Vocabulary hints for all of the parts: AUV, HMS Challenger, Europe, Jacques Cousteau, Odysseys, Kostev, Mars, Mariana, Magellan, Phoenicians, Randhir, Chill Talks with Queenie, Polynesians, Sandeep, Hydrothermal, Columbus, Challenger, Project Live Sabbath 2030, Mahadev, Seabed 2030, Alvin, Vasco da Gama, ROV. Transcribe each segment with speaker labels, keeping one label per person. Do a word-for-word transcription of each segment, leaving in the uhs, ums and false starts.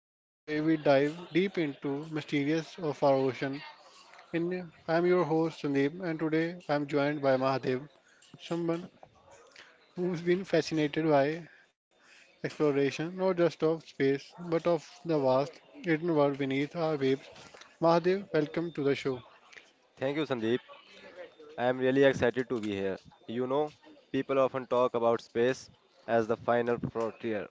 Speaker 1: the podcast where we dive deep into mysterious of our ocean. And I'm your host Sandeep, and today I'm joined by Mahadev, someone who's been fascinated by exploration, not just of space but of the vast hidden world beneath our waves. Mahadev, welcome to the show.
Speaker 2: Thank you, Sandeep. I am really excited to be here. You know, people often talk about space as the final frontier,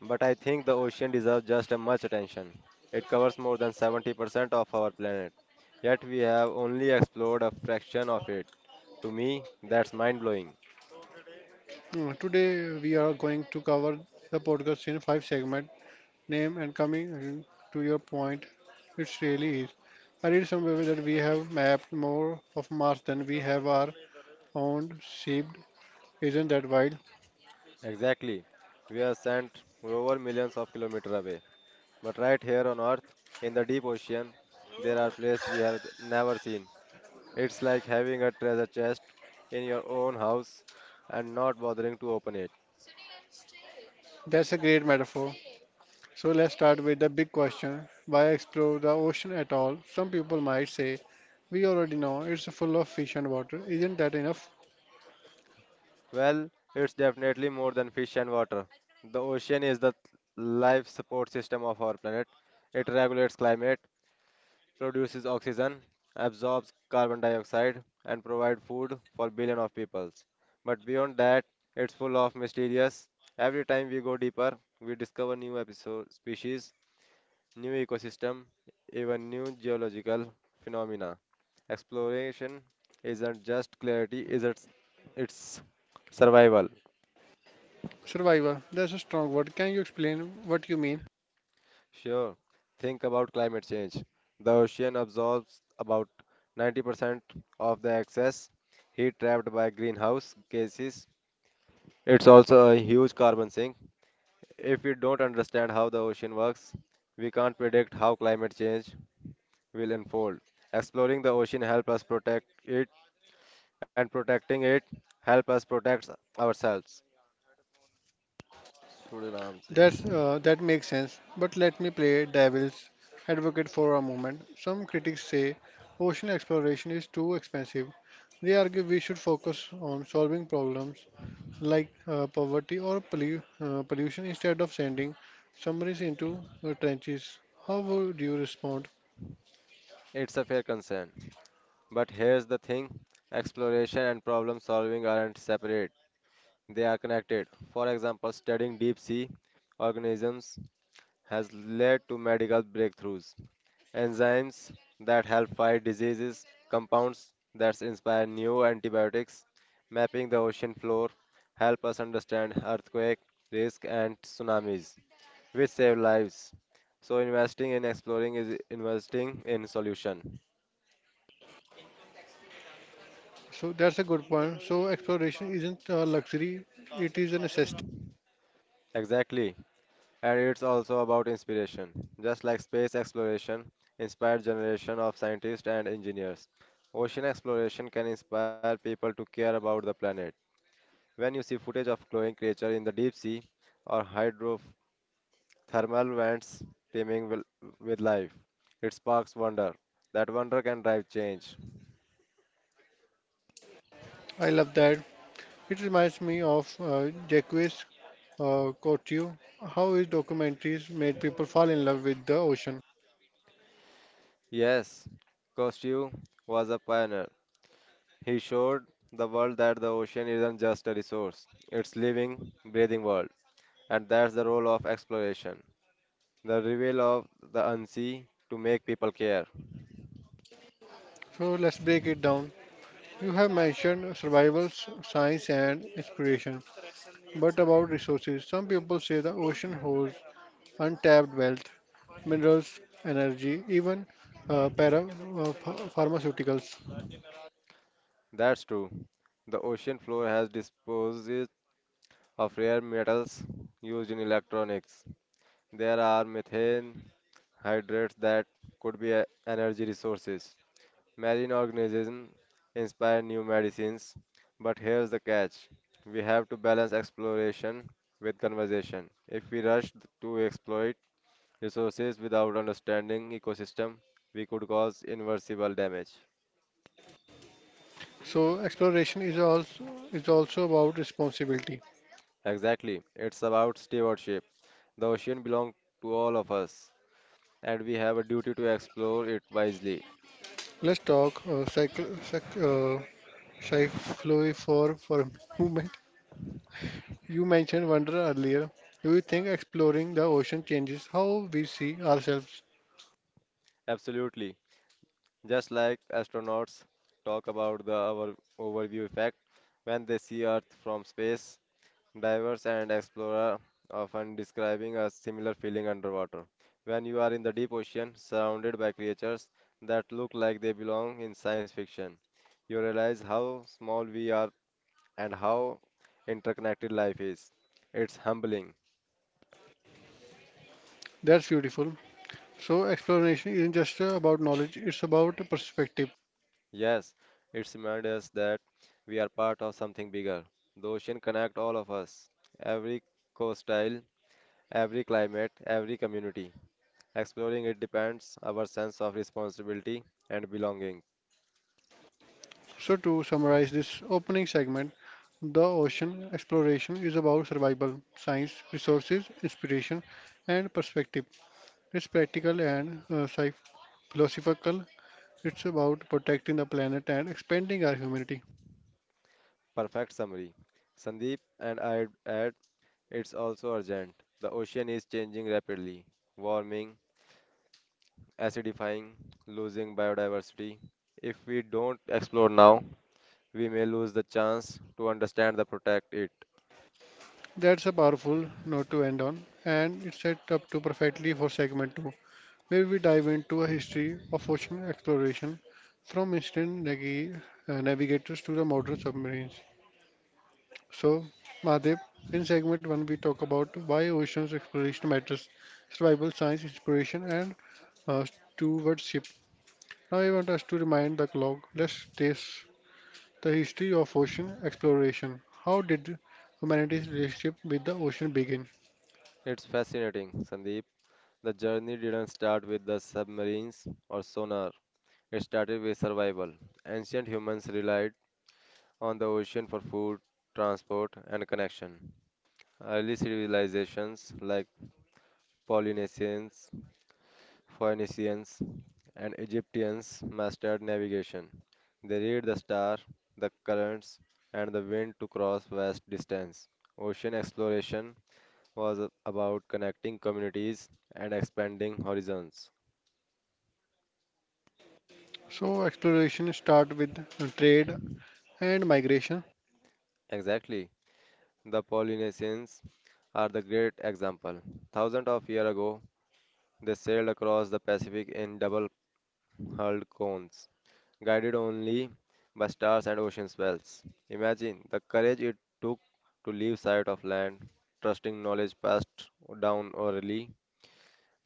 Speaker 2: but I think the ocean deserves just as much attention. It covers more than seventy percent of our planet, yet we have only explored a fraction of it. To me, that's mind blowing.
Speaker 1: Uh, Today we are going to cover the podcast in five segments name and coming to your point, it really is. I read somewhere that we have mapped more of Mars than we have our own shaped. Isn't that wild?
Speaker 2: Exactly. We are sent over millions of kilometers away, but right here on Earth, in the deep ocean, there are places we have never seen. It's like having a treasure chest in your own house and not bothering to open it.
Speaker 1: That's a great metaphor. So let's start with the big question. Why explore the ocean at all? Some people might say, we already know it's full of fish and water. Isn't that enough?
Speaker 2: Well, it's definitely more than fish and water. The ocean is the life support system of our planet. It regulates climate, produces oxygen, absorbs carbon dioxide, and provides food for billions of peoples. But beyond that, it's full of mysterious. Every time we go deeper, we discover new episode species, new ecosystem, even new geological phenomena. Exploration isn't just clarity, is it's it's survival.
Speaker 1: Survivor, that's a strong word. Can you explain what you mean?
Speaker 2: Sure. Think about climate change. The ocean absorbs about ninety percent of the excess heat trapped by greenhouse gases. It's also a huge carbon sink. If we don't understand how the ocean works, we can't predict how climate change will unfold. Exploring the ocean helps us protect it, and protecting it helps us protect ourselves. थोड़े आराम से.
Speaker 1: That's uh, that makes sense. But let me play devil's advocate for a moment. Some critics say ocean exploration is too expensive. They argue we should focus on solving problems like uh, poverty or pollu- uh, pollution instead of sending submarines into uh, trenches. How would you respond?
Speaker 2: It's a fair concern. But here's the thing, exploration and problem solving aren't separate, they are connected. For example, studying deep sea organisms has led to medical breakthroughs, enzymes that help fight diseases, compounds that inspire new antibiotics. Mapping the ocean floor help us understand earthquake risk and tsunamis which save lives, so investing in exploring is investing in solution.
Speaker 1: So that's a good point. So exploration isn't a luxury; it is a necessity.
Speaker 2: Exactly. And it's also about inspiration. Just like space exploration inspired generation of scientists and engineers, ocean exploration can inspire people to care about the planet. When you see footage of glowing creature in the deep sea or hydrothermal vents teeming with with life, it sparks wonder. That wonder can drive change.
Speaker 1: I love that. It reminds me of uh, Jacques uh, Cousteau, how his documentaries made people fall in love with the ocean.
Speaker 2: Yes, Kostev was a pioneer. He showed the world that the ocean isn't just a resource, it's living, breathing world. And that's the role of exploration, the reveal of the unseen to make people care.
Speaker 1: So let's break it down. You have mentioned survival, s- science, and inspiration, but about resources, some people say the ocean holds untapped wealth, minerals, energy, even uh, para uh, ph- pharmaceuticals.
Speaker 2: That's true. The ocean floor has disposed of rare metals used in electronics. There are methane hydrates that could be e- energy resources. Marine organisms inspire new medicines, but here's the catch. We have to balance exploration with conservation. If we rush to exploit, resources without understanding ecosystem, we could cause irreversible damage.
Speaker 1: So exploration is also is also about responsibility.
Speaker 2: Exactly, it's about stewardship. The ocean belongs to all of us, and we have a duty to explore it wisely.
Speaker 1: Let's talk uh, cycle, Shy flui four for who men- you mentioned wonder earlier. Do you think exploring the ocean changes how we see ourselves?
Speaker 2: Absolutely. Just like astronauts talk about the over- overview effect when they see Earth from space, divers and explorers often describing a similar feeling underwater. When you are in the deep ocean, surrounded by creatures that look like they belong in science fiction, you realize how small we are and how interconnected life is. It's humbling.
Speaker 1: That's beautiful. So exploration isn't just uh, about knowledge, it's about perspective.
Speaker 2: Yes, it reminds us that we are part of something bigger. The ocean connects all of us, every coastline, every climate, every community. Exploring it depends our sense of responsibility and belonging.
Speaker 1: So to summarize this opening segment, the ocean exploration is about survival, science, resources, inspiration, and perspective. It's practical and uh, psych- philosophical. It's about protecting the planet and expanding our humanity.
Speaker 2: Perfect summary. Sandeep, and I add it's also urgent. The ocean is changing rapidly, warming, acidifying, losing biodiversity. If we don't explore now, we may lose the chance to understand the protect it.
Speaker 1: That's a powerful note to end on, and it's set up to perfectly for segment two, where we dive into a history of ocean exploration from ancient nagi- uh, navigators to the modern submarines. So, Mahadev, in segment one, we talk about why oceans exploration matters, survival science, inspiration, and uh, stewardship. Now, I want us to remind the clock. Let's trace the history of ocean exploration. How did humanity's relationship with the ocean begin?
Speaker 2: It's fascinating, Sandeep. The journey didn't start with the submarines or sonar. It started with survival. Ancient humans relied on the ocean for food, transport, and connection. Early civilizations like Polynesians, Phoenicians, and Egyptians mastered navigation. They read the star, the currents, and the wind to cross vast distance. Ocean exploration was about connecting communities and expanding horizons.
Speaker 1: So exploration start with trade and migration.
Speaker 2: Exactly. The Polynesians are the great example. Thousands of years ago, they sailed across the Pacific in double hurled cones, guided only by stars and ocean spells. Imagine the courage it took to leave sight of land, trusting knowledge passed down orally.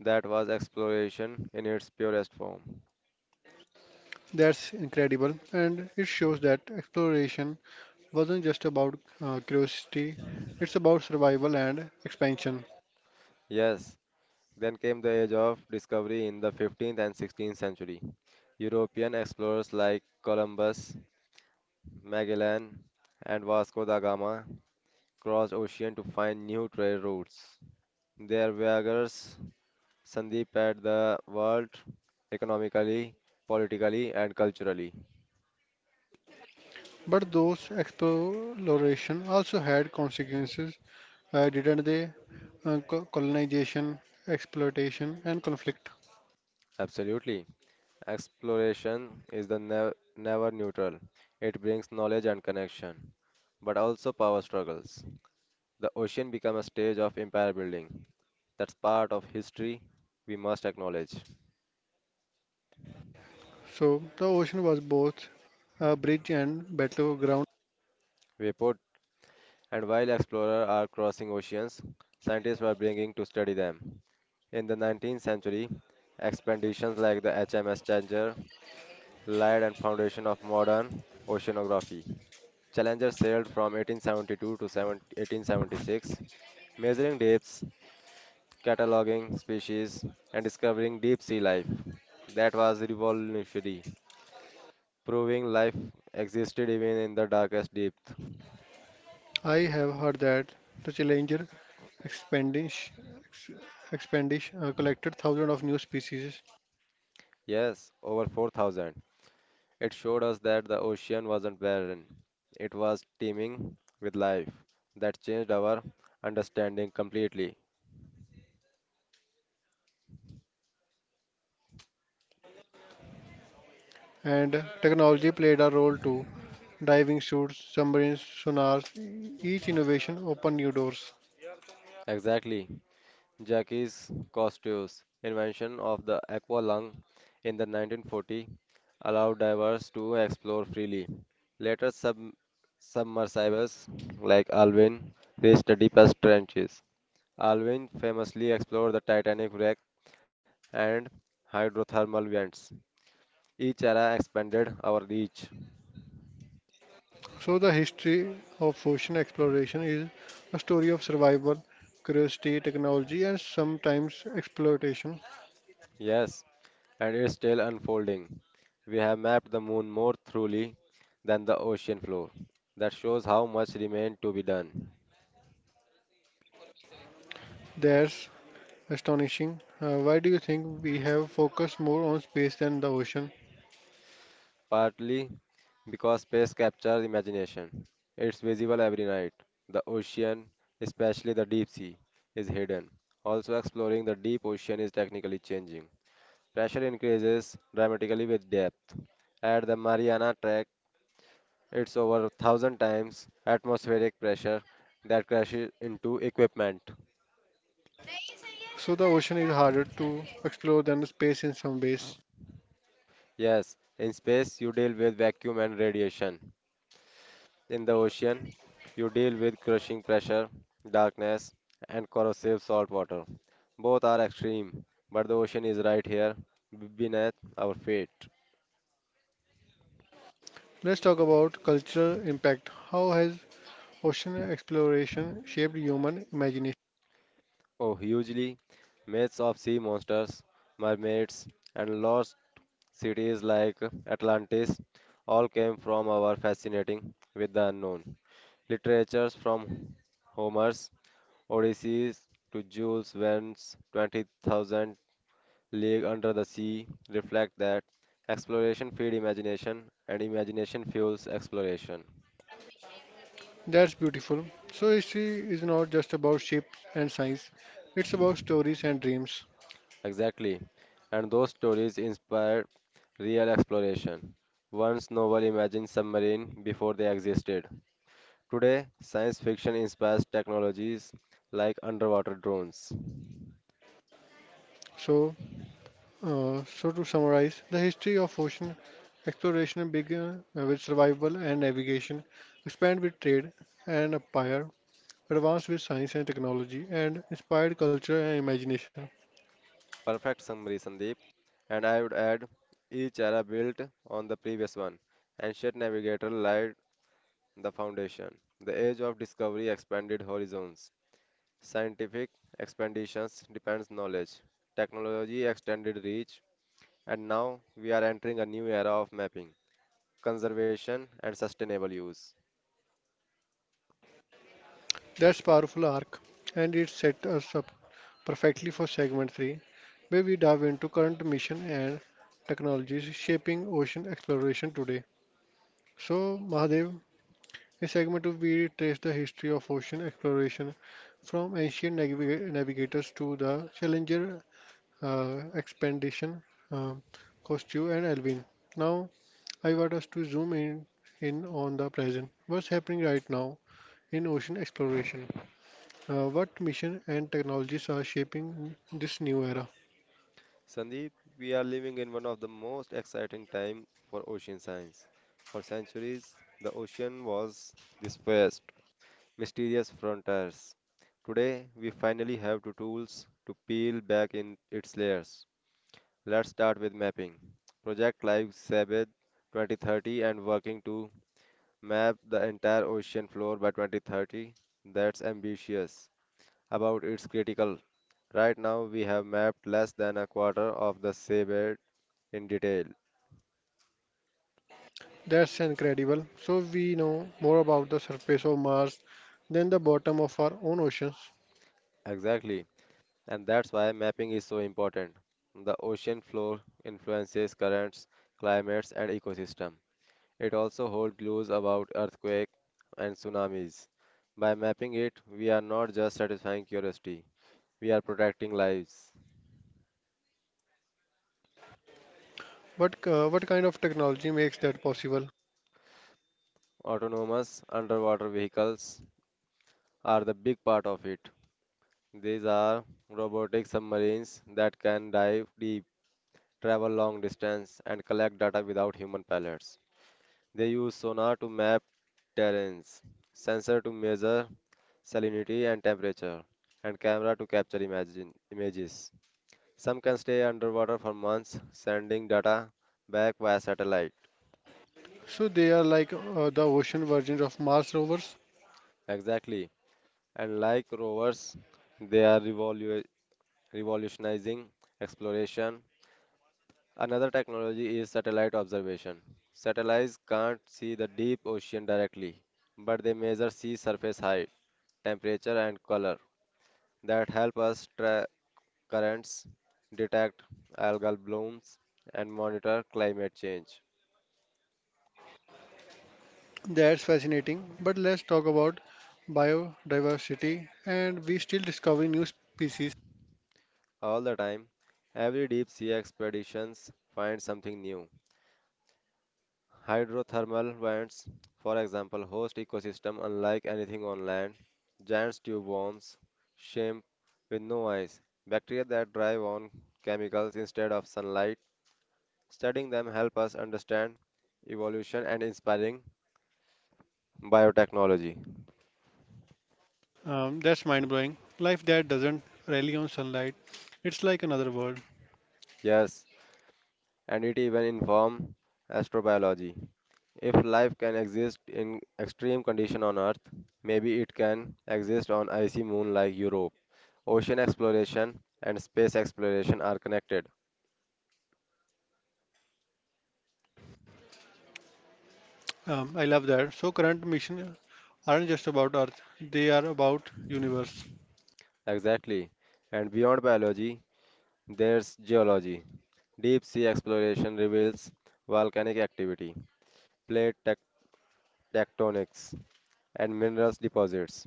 Speaker 2: That was exploration in its purest form.
Speaker 1: That's incredible, and it shows that exploration wasn't just about uh, curiosity; it's about survival and expansion.
Speaker 2: Yes, then came the age of discovery in the fifteenth and sixteenth century. European explorers like Columbus, Magellan, and Vasco da Gama crossed ocean to find new trade routes. Their voyages Sandeep at the world economically, politically, and culturally.
Speaker 1: But those exploration also had consequences, uh, didn't they? Uh, co- colonization, exploitation, and conflict.
Speaker 2: Absolutely. Exploration is the nev- never neutral. It brings knowledge and connection, but also power struggles. The ocean becomes a stage of empire building. That's part of history we must acknowledge.
Speaker 1: So the ocean was both a bridge and battleground.
Speaker 2: We put, and while explorers are crossing oceans, scientists were bringing to study them. In the nineteenth century, expeditions like the H M S Challenger laid and foundation of modern oceanography. Challenger sailed from eighteen seventy-two to seven eighteen seventy-six, measuring depths, cataloging species, and discovering deep sea life. That was revolutionary, proving life existed even in the darkest depth.
Speaker 1: I have heard that the challenger Expandish, ex- expandish uh, collected thousands of new species,
Speaker 2: Yes, over four thousand. It showed us that the ocean wasn't barren, it was teeming with life. That changed our understanding completely.
Speaker 1: and technology played a role too. Diving suits, submarines, sonars, each innovation opened new doors.
Speaker 2: Exactly. Jacques Cousteau's invention of the aqua lung in the nineteen forty allowed divers to explore freely. Later, sub- submersibles like Alvin reached the deepest trenches. Alvin famously explored the Titanic wreck and hydrothermal vents. Each era expanded our reach.
Speaker 1: So, the history of ocean exploration is a story of survival, curiosity, technology, and sometimes exploitation.
Speaker 2: Yes, and it's still unfolding. We have mapped the moon more thoroughly than the ocean floor. That shows how much remains to be done.
Speaker 1: That's astonishing. Uh, why do you think we have focused more on space than the ocean?
Speaker 2: Partly because space captures imagination. It's visible every night. The ocean, especially the deep sea, is hidden. Also, exploring the deep ocean is technically changing. Pressure increases dramatically with depth. At the Mariana, it's over a thousand times atmospheric pressure that crashes into equipment.
Speaker 1: So, the ocean is harder to explore than space in some ways.
Speaker 2: Yes, in space you deal with vacuum and radiation. In the ocean, you deal with crushing pressure, darkness, and corrosive salt water. Both are extreme, but the ocean is right here b- beneath our feet.
Speaker 1: Let's talk about cultural impact. How has ocean exploration shaped human imagination?
Speaker 2: Oh, hugely, myths of sea monsters, mermaids, and lost cities like Atlantis all came from our fascinating with the unknown. Literatures from Homer's Odysseys to Jules Verne's twenty thousand League Under the Sea reflect that exploration feeds imagination and imagination fuels exploration.
Speaker 1: That's beautiful. So, history is not just about ships and science, it's about stories and dreams.
Speaker 2: Exactly. And those stories inspired real exploration. Once novel imagined submarine before they existed. Today, science fiction inspires technologies like underwater drones.
Speaker 1: So, uh, so to summarize, the history of ocean exploration began uh, with survival and navigation, expanded with trade and empire, advanced with science and technology, and inspired culture and imagination.
Speaker 2: Perfect summary, Sandeep. And I would add each era built on the previous one. Ancient navigator laid the foundation. The age of discovery expanded horizons. Scientific expansions depends knowledge. Technology extended reach. And now we are entering a new era of mapping, conservation, and sustainable use.
Speaker 1: That's powerful arc, and it set us up perfectly for segment three, where we dive into current mission and technologies shaping ocean exploration today. So, Mahadev, in segment two, we trace the history of ocean exploration from ancient naviga- navigators to the Challenger uh, expedition, uh, Cousteau and Alvin. Now, I want us to zoom in, in on the present. What's happening right now in ocean exploration? Uh, what mission and technologies are shaping this new era?
Speaker 2: Sandeep, we are living in one of the most exciting time for ocean science. For centuries, the ocean was this vast, mysterious frontiers. Today, we finally have the tools to peel back in its layers. Let's start with mapping. Project Live Sabbath twenty thirty and working to map the entire ocean floor by twenty thirty. That's ambitious. About its critical. Right now, we have mapped less than a quarter of the seabed in detail.
Speaker 1: That's incredible. So we know more about the surface of Mars than the bottom of our own oceans.
Speaker 2: Exactly. And that's why mapping is so important. The ocean floor influences currents, climates, and ecosystem. It also holds clues about earthquakes and tsunamis. By mapping it, we are not just satisfying curiosity, we are protecting lives.
Speaker 1: But uh, what kind of technology makes that possible?
Speaker 2: Autonomous underwater vehicles are the big part of it. These are robotic submarines that can dive deep, travel long distance, and collect data without human pilots. They use sonar to map terrains, sensor to measure salinity and temperature, and camera to capture imagine, images. Some can stay underwater for months, sending data back via satellite.
Speaker 1: So they are like uh, the ocean versions of Mars rovers.
Speaker 2: Exactly. And like rovers, they are revolu- revolutionizing exploration. Another technology is satellite observation. Satellites can't see the deep ocean directly, but they measure sea surface height, temperature, and color that help us track currents, detect algal blooms, and monitor climate change.
Speaker 1: That's fascinating. But let's talk about biodiversity, and we still discover new species.
Speaker 2: All the time, every deep sea expeditions finds something new. Hydrothermal vents, for example, host ecosystem unlike anything on land. Giant tube worms, shrimp with no eyes, bacteria that thrive on chemicals instead of sunlight. Studying them help us understand evolution and inspiring biotechnology.
Speaker 1: Um, that's mind blowing. Life that doesn't rely on sunlight. It's like another world.
Speaker 2: Yes, and it even inform astrobiology. If life can exist in extreme condition on Earth, maybe it can exist on icy moon like Europe. Ocean exploration and space exploration are connected.
Speaker 1: Um, I love that. So current missions aren't just about Earth; they are about universe.
Speaker 2: Exactly. And beyond biology, there's geology. Deep sea exploration reveals volcanic activity, plate tec- tectonics, and minerals deposits.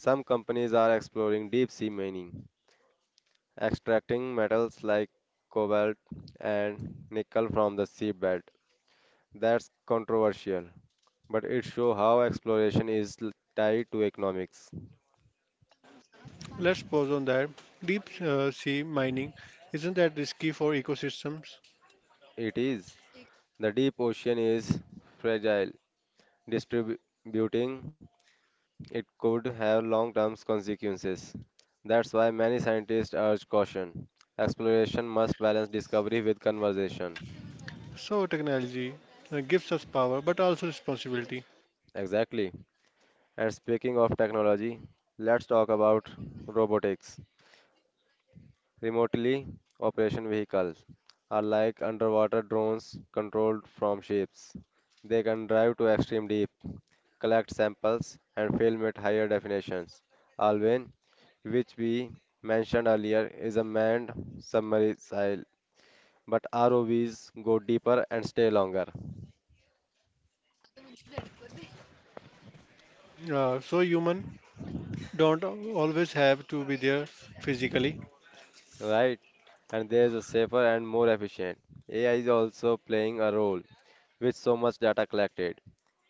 Speaker 2: Some companies are exploring deep sea mining, extracting metals like cobalt and nickel from the seabed. That's controversial, but it shows how exploration is l- tied to economics.
Speaker 1: Let's pause on that. Deep uh, sea mining isn't that risky for ecosystems?
Speaker 2: It is. The deep ocean is fragile. Distributing it could have long term consequences. That's why many scientists urge caution. Exploration must balance discovery with conservation.
Speaker 1: So technology uh, gives us power, but also responsibility.
Speaker 2: Exactly. And speaking of technology, let's talk about robotics. Remotely operation vehicles are like underwater drones controlled from ships. They can dive to extreme deep, collect samples, and film at higher definitions. Alwyn, which we mentioned earlier, is a manned submersible, but R O Vs go deeper and stay longer,
Speaker 1: Uh, so human don't always have to be there physically.
Speaker 2: right? And there is a safer and more efficient. A I is also playing a role. With so much data collected,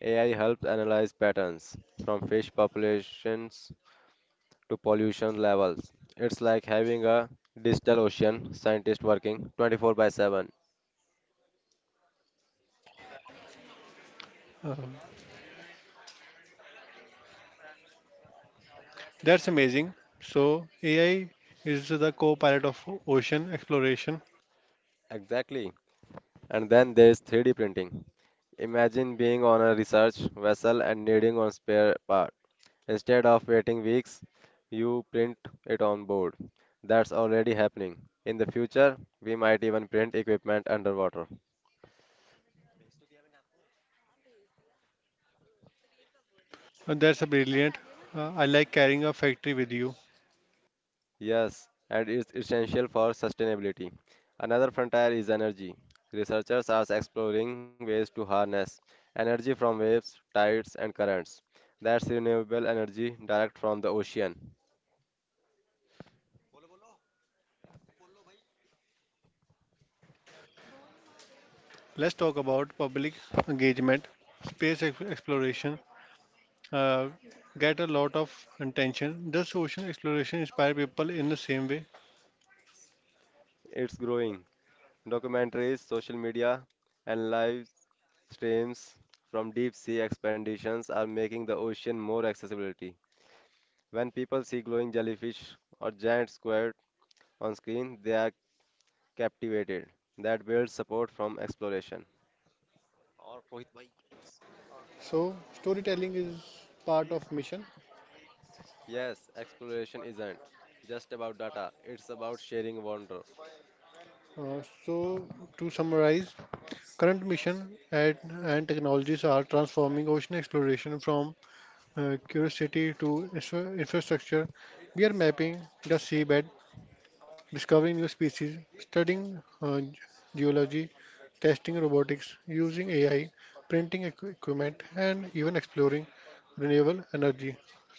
Speaker 2: A I helps analyze patterns from fish populations to pollution levels. It's like having a digital ocean scientist working twenty four by seven.
Speaker 1: Uh, that's amazing. So A I is the co-pilot of ocean exploration,
Speaker 2: Exactly. And then there's three D printing. Imagine being on a research vessel and needing a spare part. Instead of waiting weeks, you print it on board. That's already happening. In the future, we might even print equipment underwater.
Speaker 1: and that's a brilliant. Uh, I like carrying a factory with you.
Speaker 2: Yes, and it's essential for sustainability. Another frontier is energy. Researchers are exploring ways to harness energy from waves, tides, and currents. That's renewable energy direct from the ocean.
Speaker 1: Let's talk about public engagement, space ex- exploration. Uh, get a lot of attention. Does ocean exploration inspire people in the same way?
Speaker 2: It's growing. Documentaries, social media, and live streams from deep sea expeditions are making the ocean more accessibility. When people see glowing jellyfish or giant squid on screen, they are captivated. That builds support from exploration.
Speaker 1: So, storytelling is part of mission.
Speaker 2: Yes, exploration isn't just about data, it's about sharing wonder.
Speaker 1: Uh, so, to summarize, current mission at, and technologies are transforming ocean exploration from uh, curiosity to infra- infrastructure. We are mapping the seabed discovering new species, studying uh, ge- geology, testing robotics, using A I, printing equi- equipment, and even exploring renewable energy.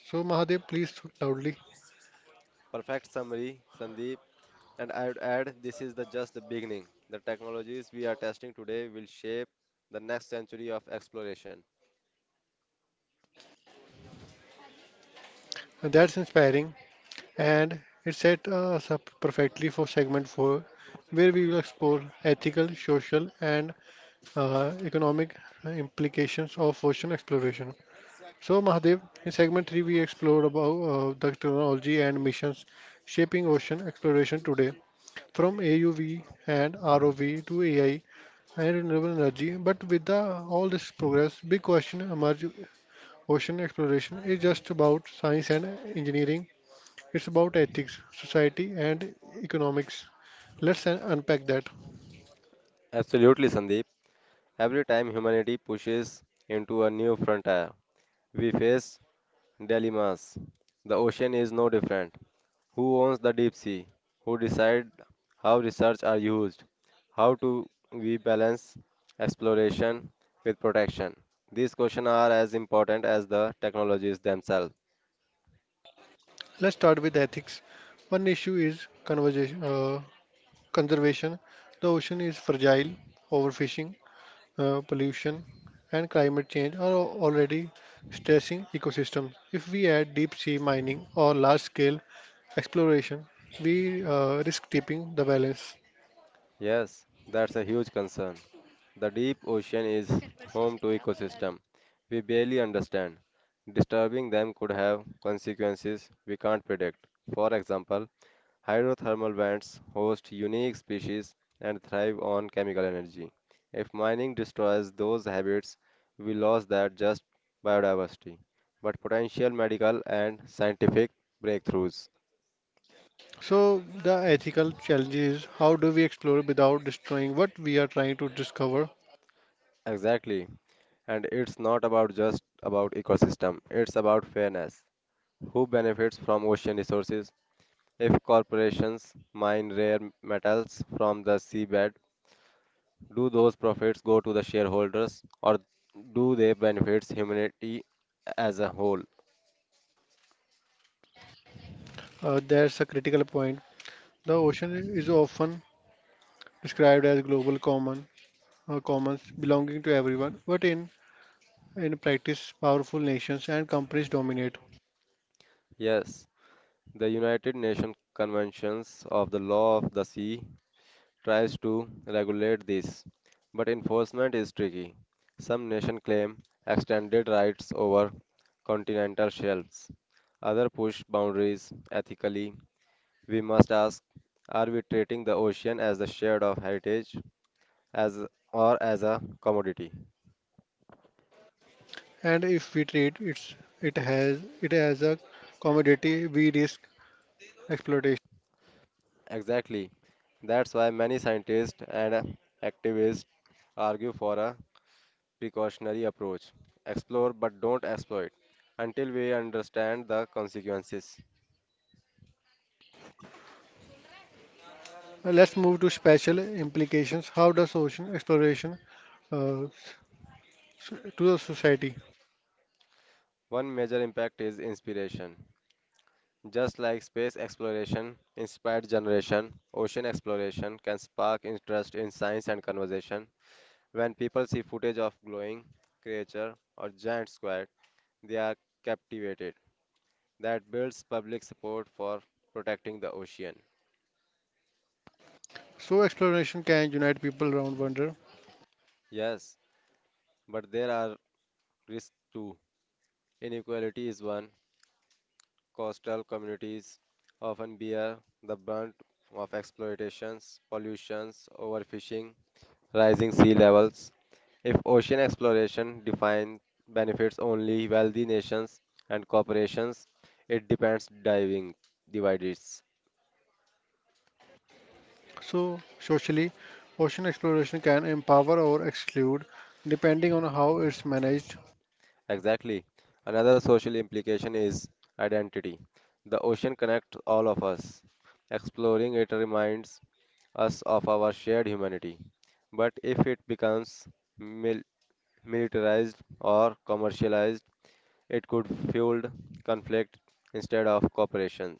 Speaker 1: So, Mahadev, please talk loudly.
Speaker 2: Perfect summary, Sandeep. And I would add this is the just the beginning. The technologies we are testing today will shape the next century of exploration.
Speaker 1: And that's inspiring, and it set us up perfectly for segment four, where we will explore ethical, social, and uh, economic implications of ocean exploration. So, Mahadev, in segment three, we explored about uh, the technology and missions shaping ocean exploration today, from A U V and R O V to A I and renewable energy. But with the, all this progress, big question emerge ocean exploration is just about science and engineering, it's about ethics, society, and economics. Let's un- unpack that.
Speaker 2: Absolutely, Sandeep. Every time humanity pushes into a new frontier, we face dilemmas. The ocean is no different. Who owns the deep sea? Who decide how research are used? How to we balance exploration with protection? These questions are as important as the technologies themselves.
Speaker 1: Let's start with ethics. One issue is conversation, uh, conservation. The ocean is fragile, overfishing, uh, pollution, and climate change are al- already stressing ecosystems. If we add deep sea mining or large scale exploration, we uh, risk tipping the balance.
Speaker 2: Yes, that's a huge concern. The deep ocean is home to ecosystem we barely understand. Disturbing them could have consequences we can't predict. For example, hydrothermal vents host unique species and thrive on chemical energy. If mining destroys those habits, we lose that just biodiversity, but potential medical and scientific breakthroughs.
Speaker 1: So, the ethical challenge is how do we explore without destroying what we are trying to discover?
Speaker 2: Exactly. And it's not about just about ecosystem, it's about fairness. Who benefits from ocean resources? If corporations mine rare metals from the seabed, do those profits go to the shareholders or do they benefit humanity as a whole?
Speaker 1: Uh, that's a critical point. The ocean is often described as global common uh, commons belonging to everyone, but in in practice, powerful nations and companies dominate.
Speaker 2: Yes, the United Nations Conventions of the Law of the Sea tries to regulate this, but enforcement is tricky. Some nations claim extended rights over continental shelves. Others push boundaries ethically. We must ask, are we treating the ocean as the shared of heritage as or as a commodity?
Speaker 1: And if we treat it's, it has it as a commodity, we risk exploitation.
Speaker 2: Exactly. That's why many scientists and uh, activists argue for a precautionary approach. Explore but don't exploit until we understand the consequences.
Speaker 1: Now let's move to special implications. How does ocean exploration uh, so- to the society?
Speaker 2: One major impact is inspiration. Just like space exploration inspired generation, ocean exploration can spark interest in science and conversation. When people see footage of glowing creature or giant squid, they are captivated. That builds public support for protecting the ocean.
Speaker 1: So exploration can unite people around wonder.
Speaker 2: Yes, but there are risks too. Inequality is one. Coastal communities often bear the brunt of exploitations, pollutions, overfishing, rising sea levels. If ocean exploration defines benefits only wealthy nations and corporations, it depends diving divides.
Speaker 1: So socially, ocean exploration can empower or exclude depending on how it's managed.
Speaker 2: Exactly. Another social implication is identity. The ocean connects all of us. Exploring it reminds us of our shared humanity. But if it becomes mil- militarized or commercialized, it could fuel conflict instead of cooperation.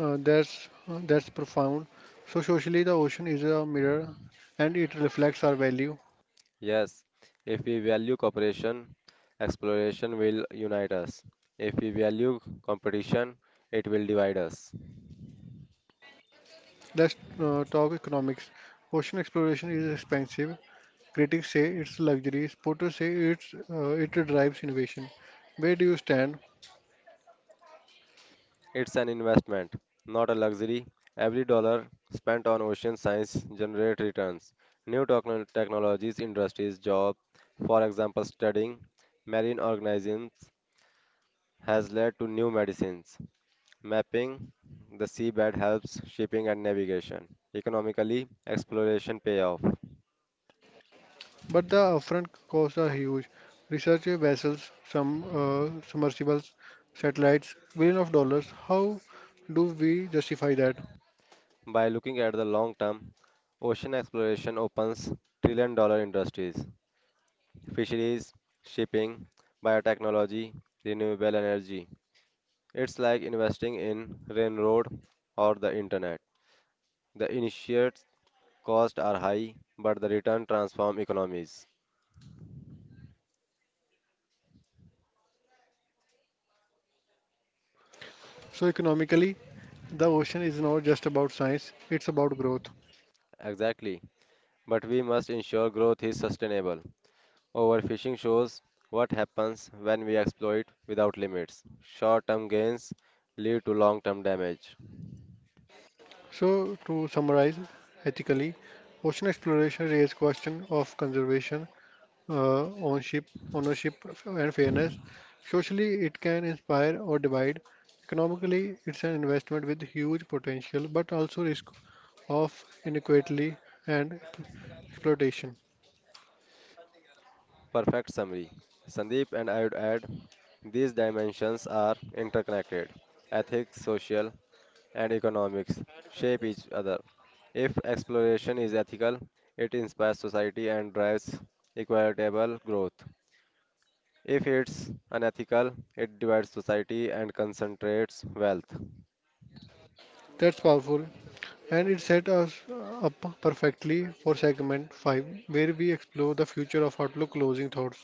Speaker 1: Uh, that's uh, that's profound. So socially, the ocean is a mirror, and it reflects our value.
Speaker 2: Yes, if we value cooperation, exploration will unite us. If we value competition, it will divide us.
Speaker 1: Let's uh, talk economics. Ocean exploration is expensive. Critics say it's a luxury. Supporters say it's uh, it drives innovation. Where do you stand?
Speaker 2: It's an investment, not a luxury. Every dollar spent on ocean science generates returns. New techno- technologies, industries, jobs, for example, studying marine organisms has led to new medicines. Mapping the seabed helps shipping and navigation. Economically, exploration payoff.
Speaker 1: But the upfront costs are huge. Research vessels, some uh, submersibles, satellites, billion of dollars. How do we justify that?
Speaker 2: By looking at the long term, ocean exploration opens trillion dollar industries, fisheries, shipping, biotechnology, renewable energy. It's like investing in railroad or the internet. The initial costs are high, but the return transform economies.
Speaker 1: So economically, the ocean is not just about science; it's about growth.
Speaker 2: Exactly. But we must ensure growth is sustainable. Overfishing shows what happens when we exploit without limits. Short-term gains lead to long-term damage.
Speaker 1: So to summarize, ethically, ocean exploration raises question of conservation, uh, ownership, ownership and fairness. Socially, it can inspire or divide. Economically, it's an investment with huge potential, but also risk of inequality and exploitation.
Speaker 2: Perfect summary. Sandeep and I would add these dimensions are interconnected. Ethics, social, and economics shape each other. If exploration is ethical, it inspires society and drives equitable growth. If it's unethical, it divides society and concentrates wealth.
Speaker 1: That's powerful, and it set us up perfectly for segment five, where we explore the future of Outlook closing thoughts.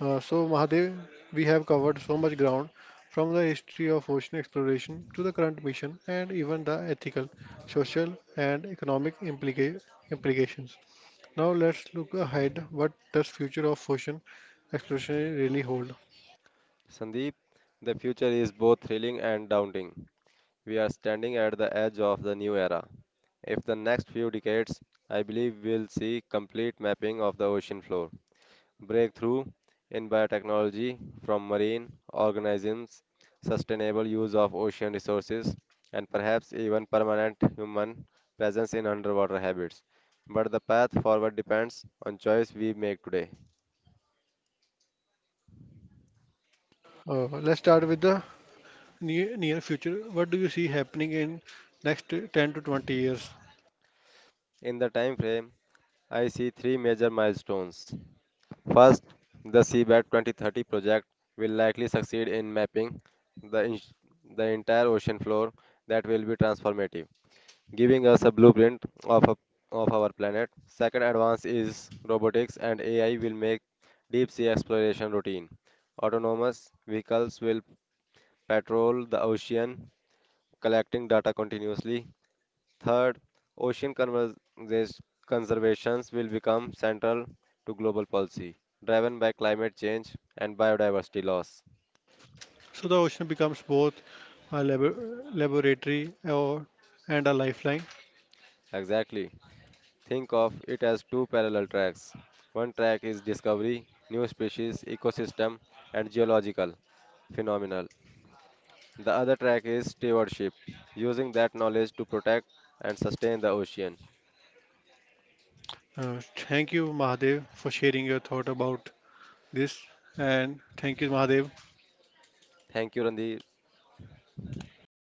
Speaker 1: Uh, so, Mahadev, we have covered so much ground from the history of ocean exploration to the current mission and even the ethical, social, and economic implica- implications. Now, let's look ahead. What does future of ocean exploration really hold?
Speaker 2: Sandeep, the future is both thrilling and daunting. We are standing at the edge of the new era. If the next few decades, I believe we'll see complete mapping of the ocean floor. Breakthrough in biotechnology from marine organisms, sustainable use of ocean resources, and perhaps even permanent human presence in underwater habits. But the path forward depends on choice we make today.
Speaker 1: Uh, let's start with the near, near future. What do you see happening in next ten to twenty years?
Speaker 2: In the time frame, I see three major milestones. First, the Seabed twenty thirty project will likely succeed in mapping the, in- the entire ocean floor that will be transformative. Giving us a blueprint of, a, of our planet. Second advance is robotics and A I will make deep sea exploration routine. Autonomous vehicles will patrol the ocean, collecting data continuously. Third, ocean conversa- conservations will become central to global policy, driven by climate change and biodiversity loss.
Speaker 1: So the ocean becomes both a labo- laboratory or, and a lifeline.
Speaker 2: Exactly. Think of it as two parallel tracks. One track is discovery, new species, ecosystem, and geological phenomenal. The other track is stewardship, using that knowledge to protect and sustain the ocean.
Speaker 1: Uh, thank you, Mahadev, for sharing your thought about this. And thank you, Mahadev,
Speaker 2: Thank you, Randhir.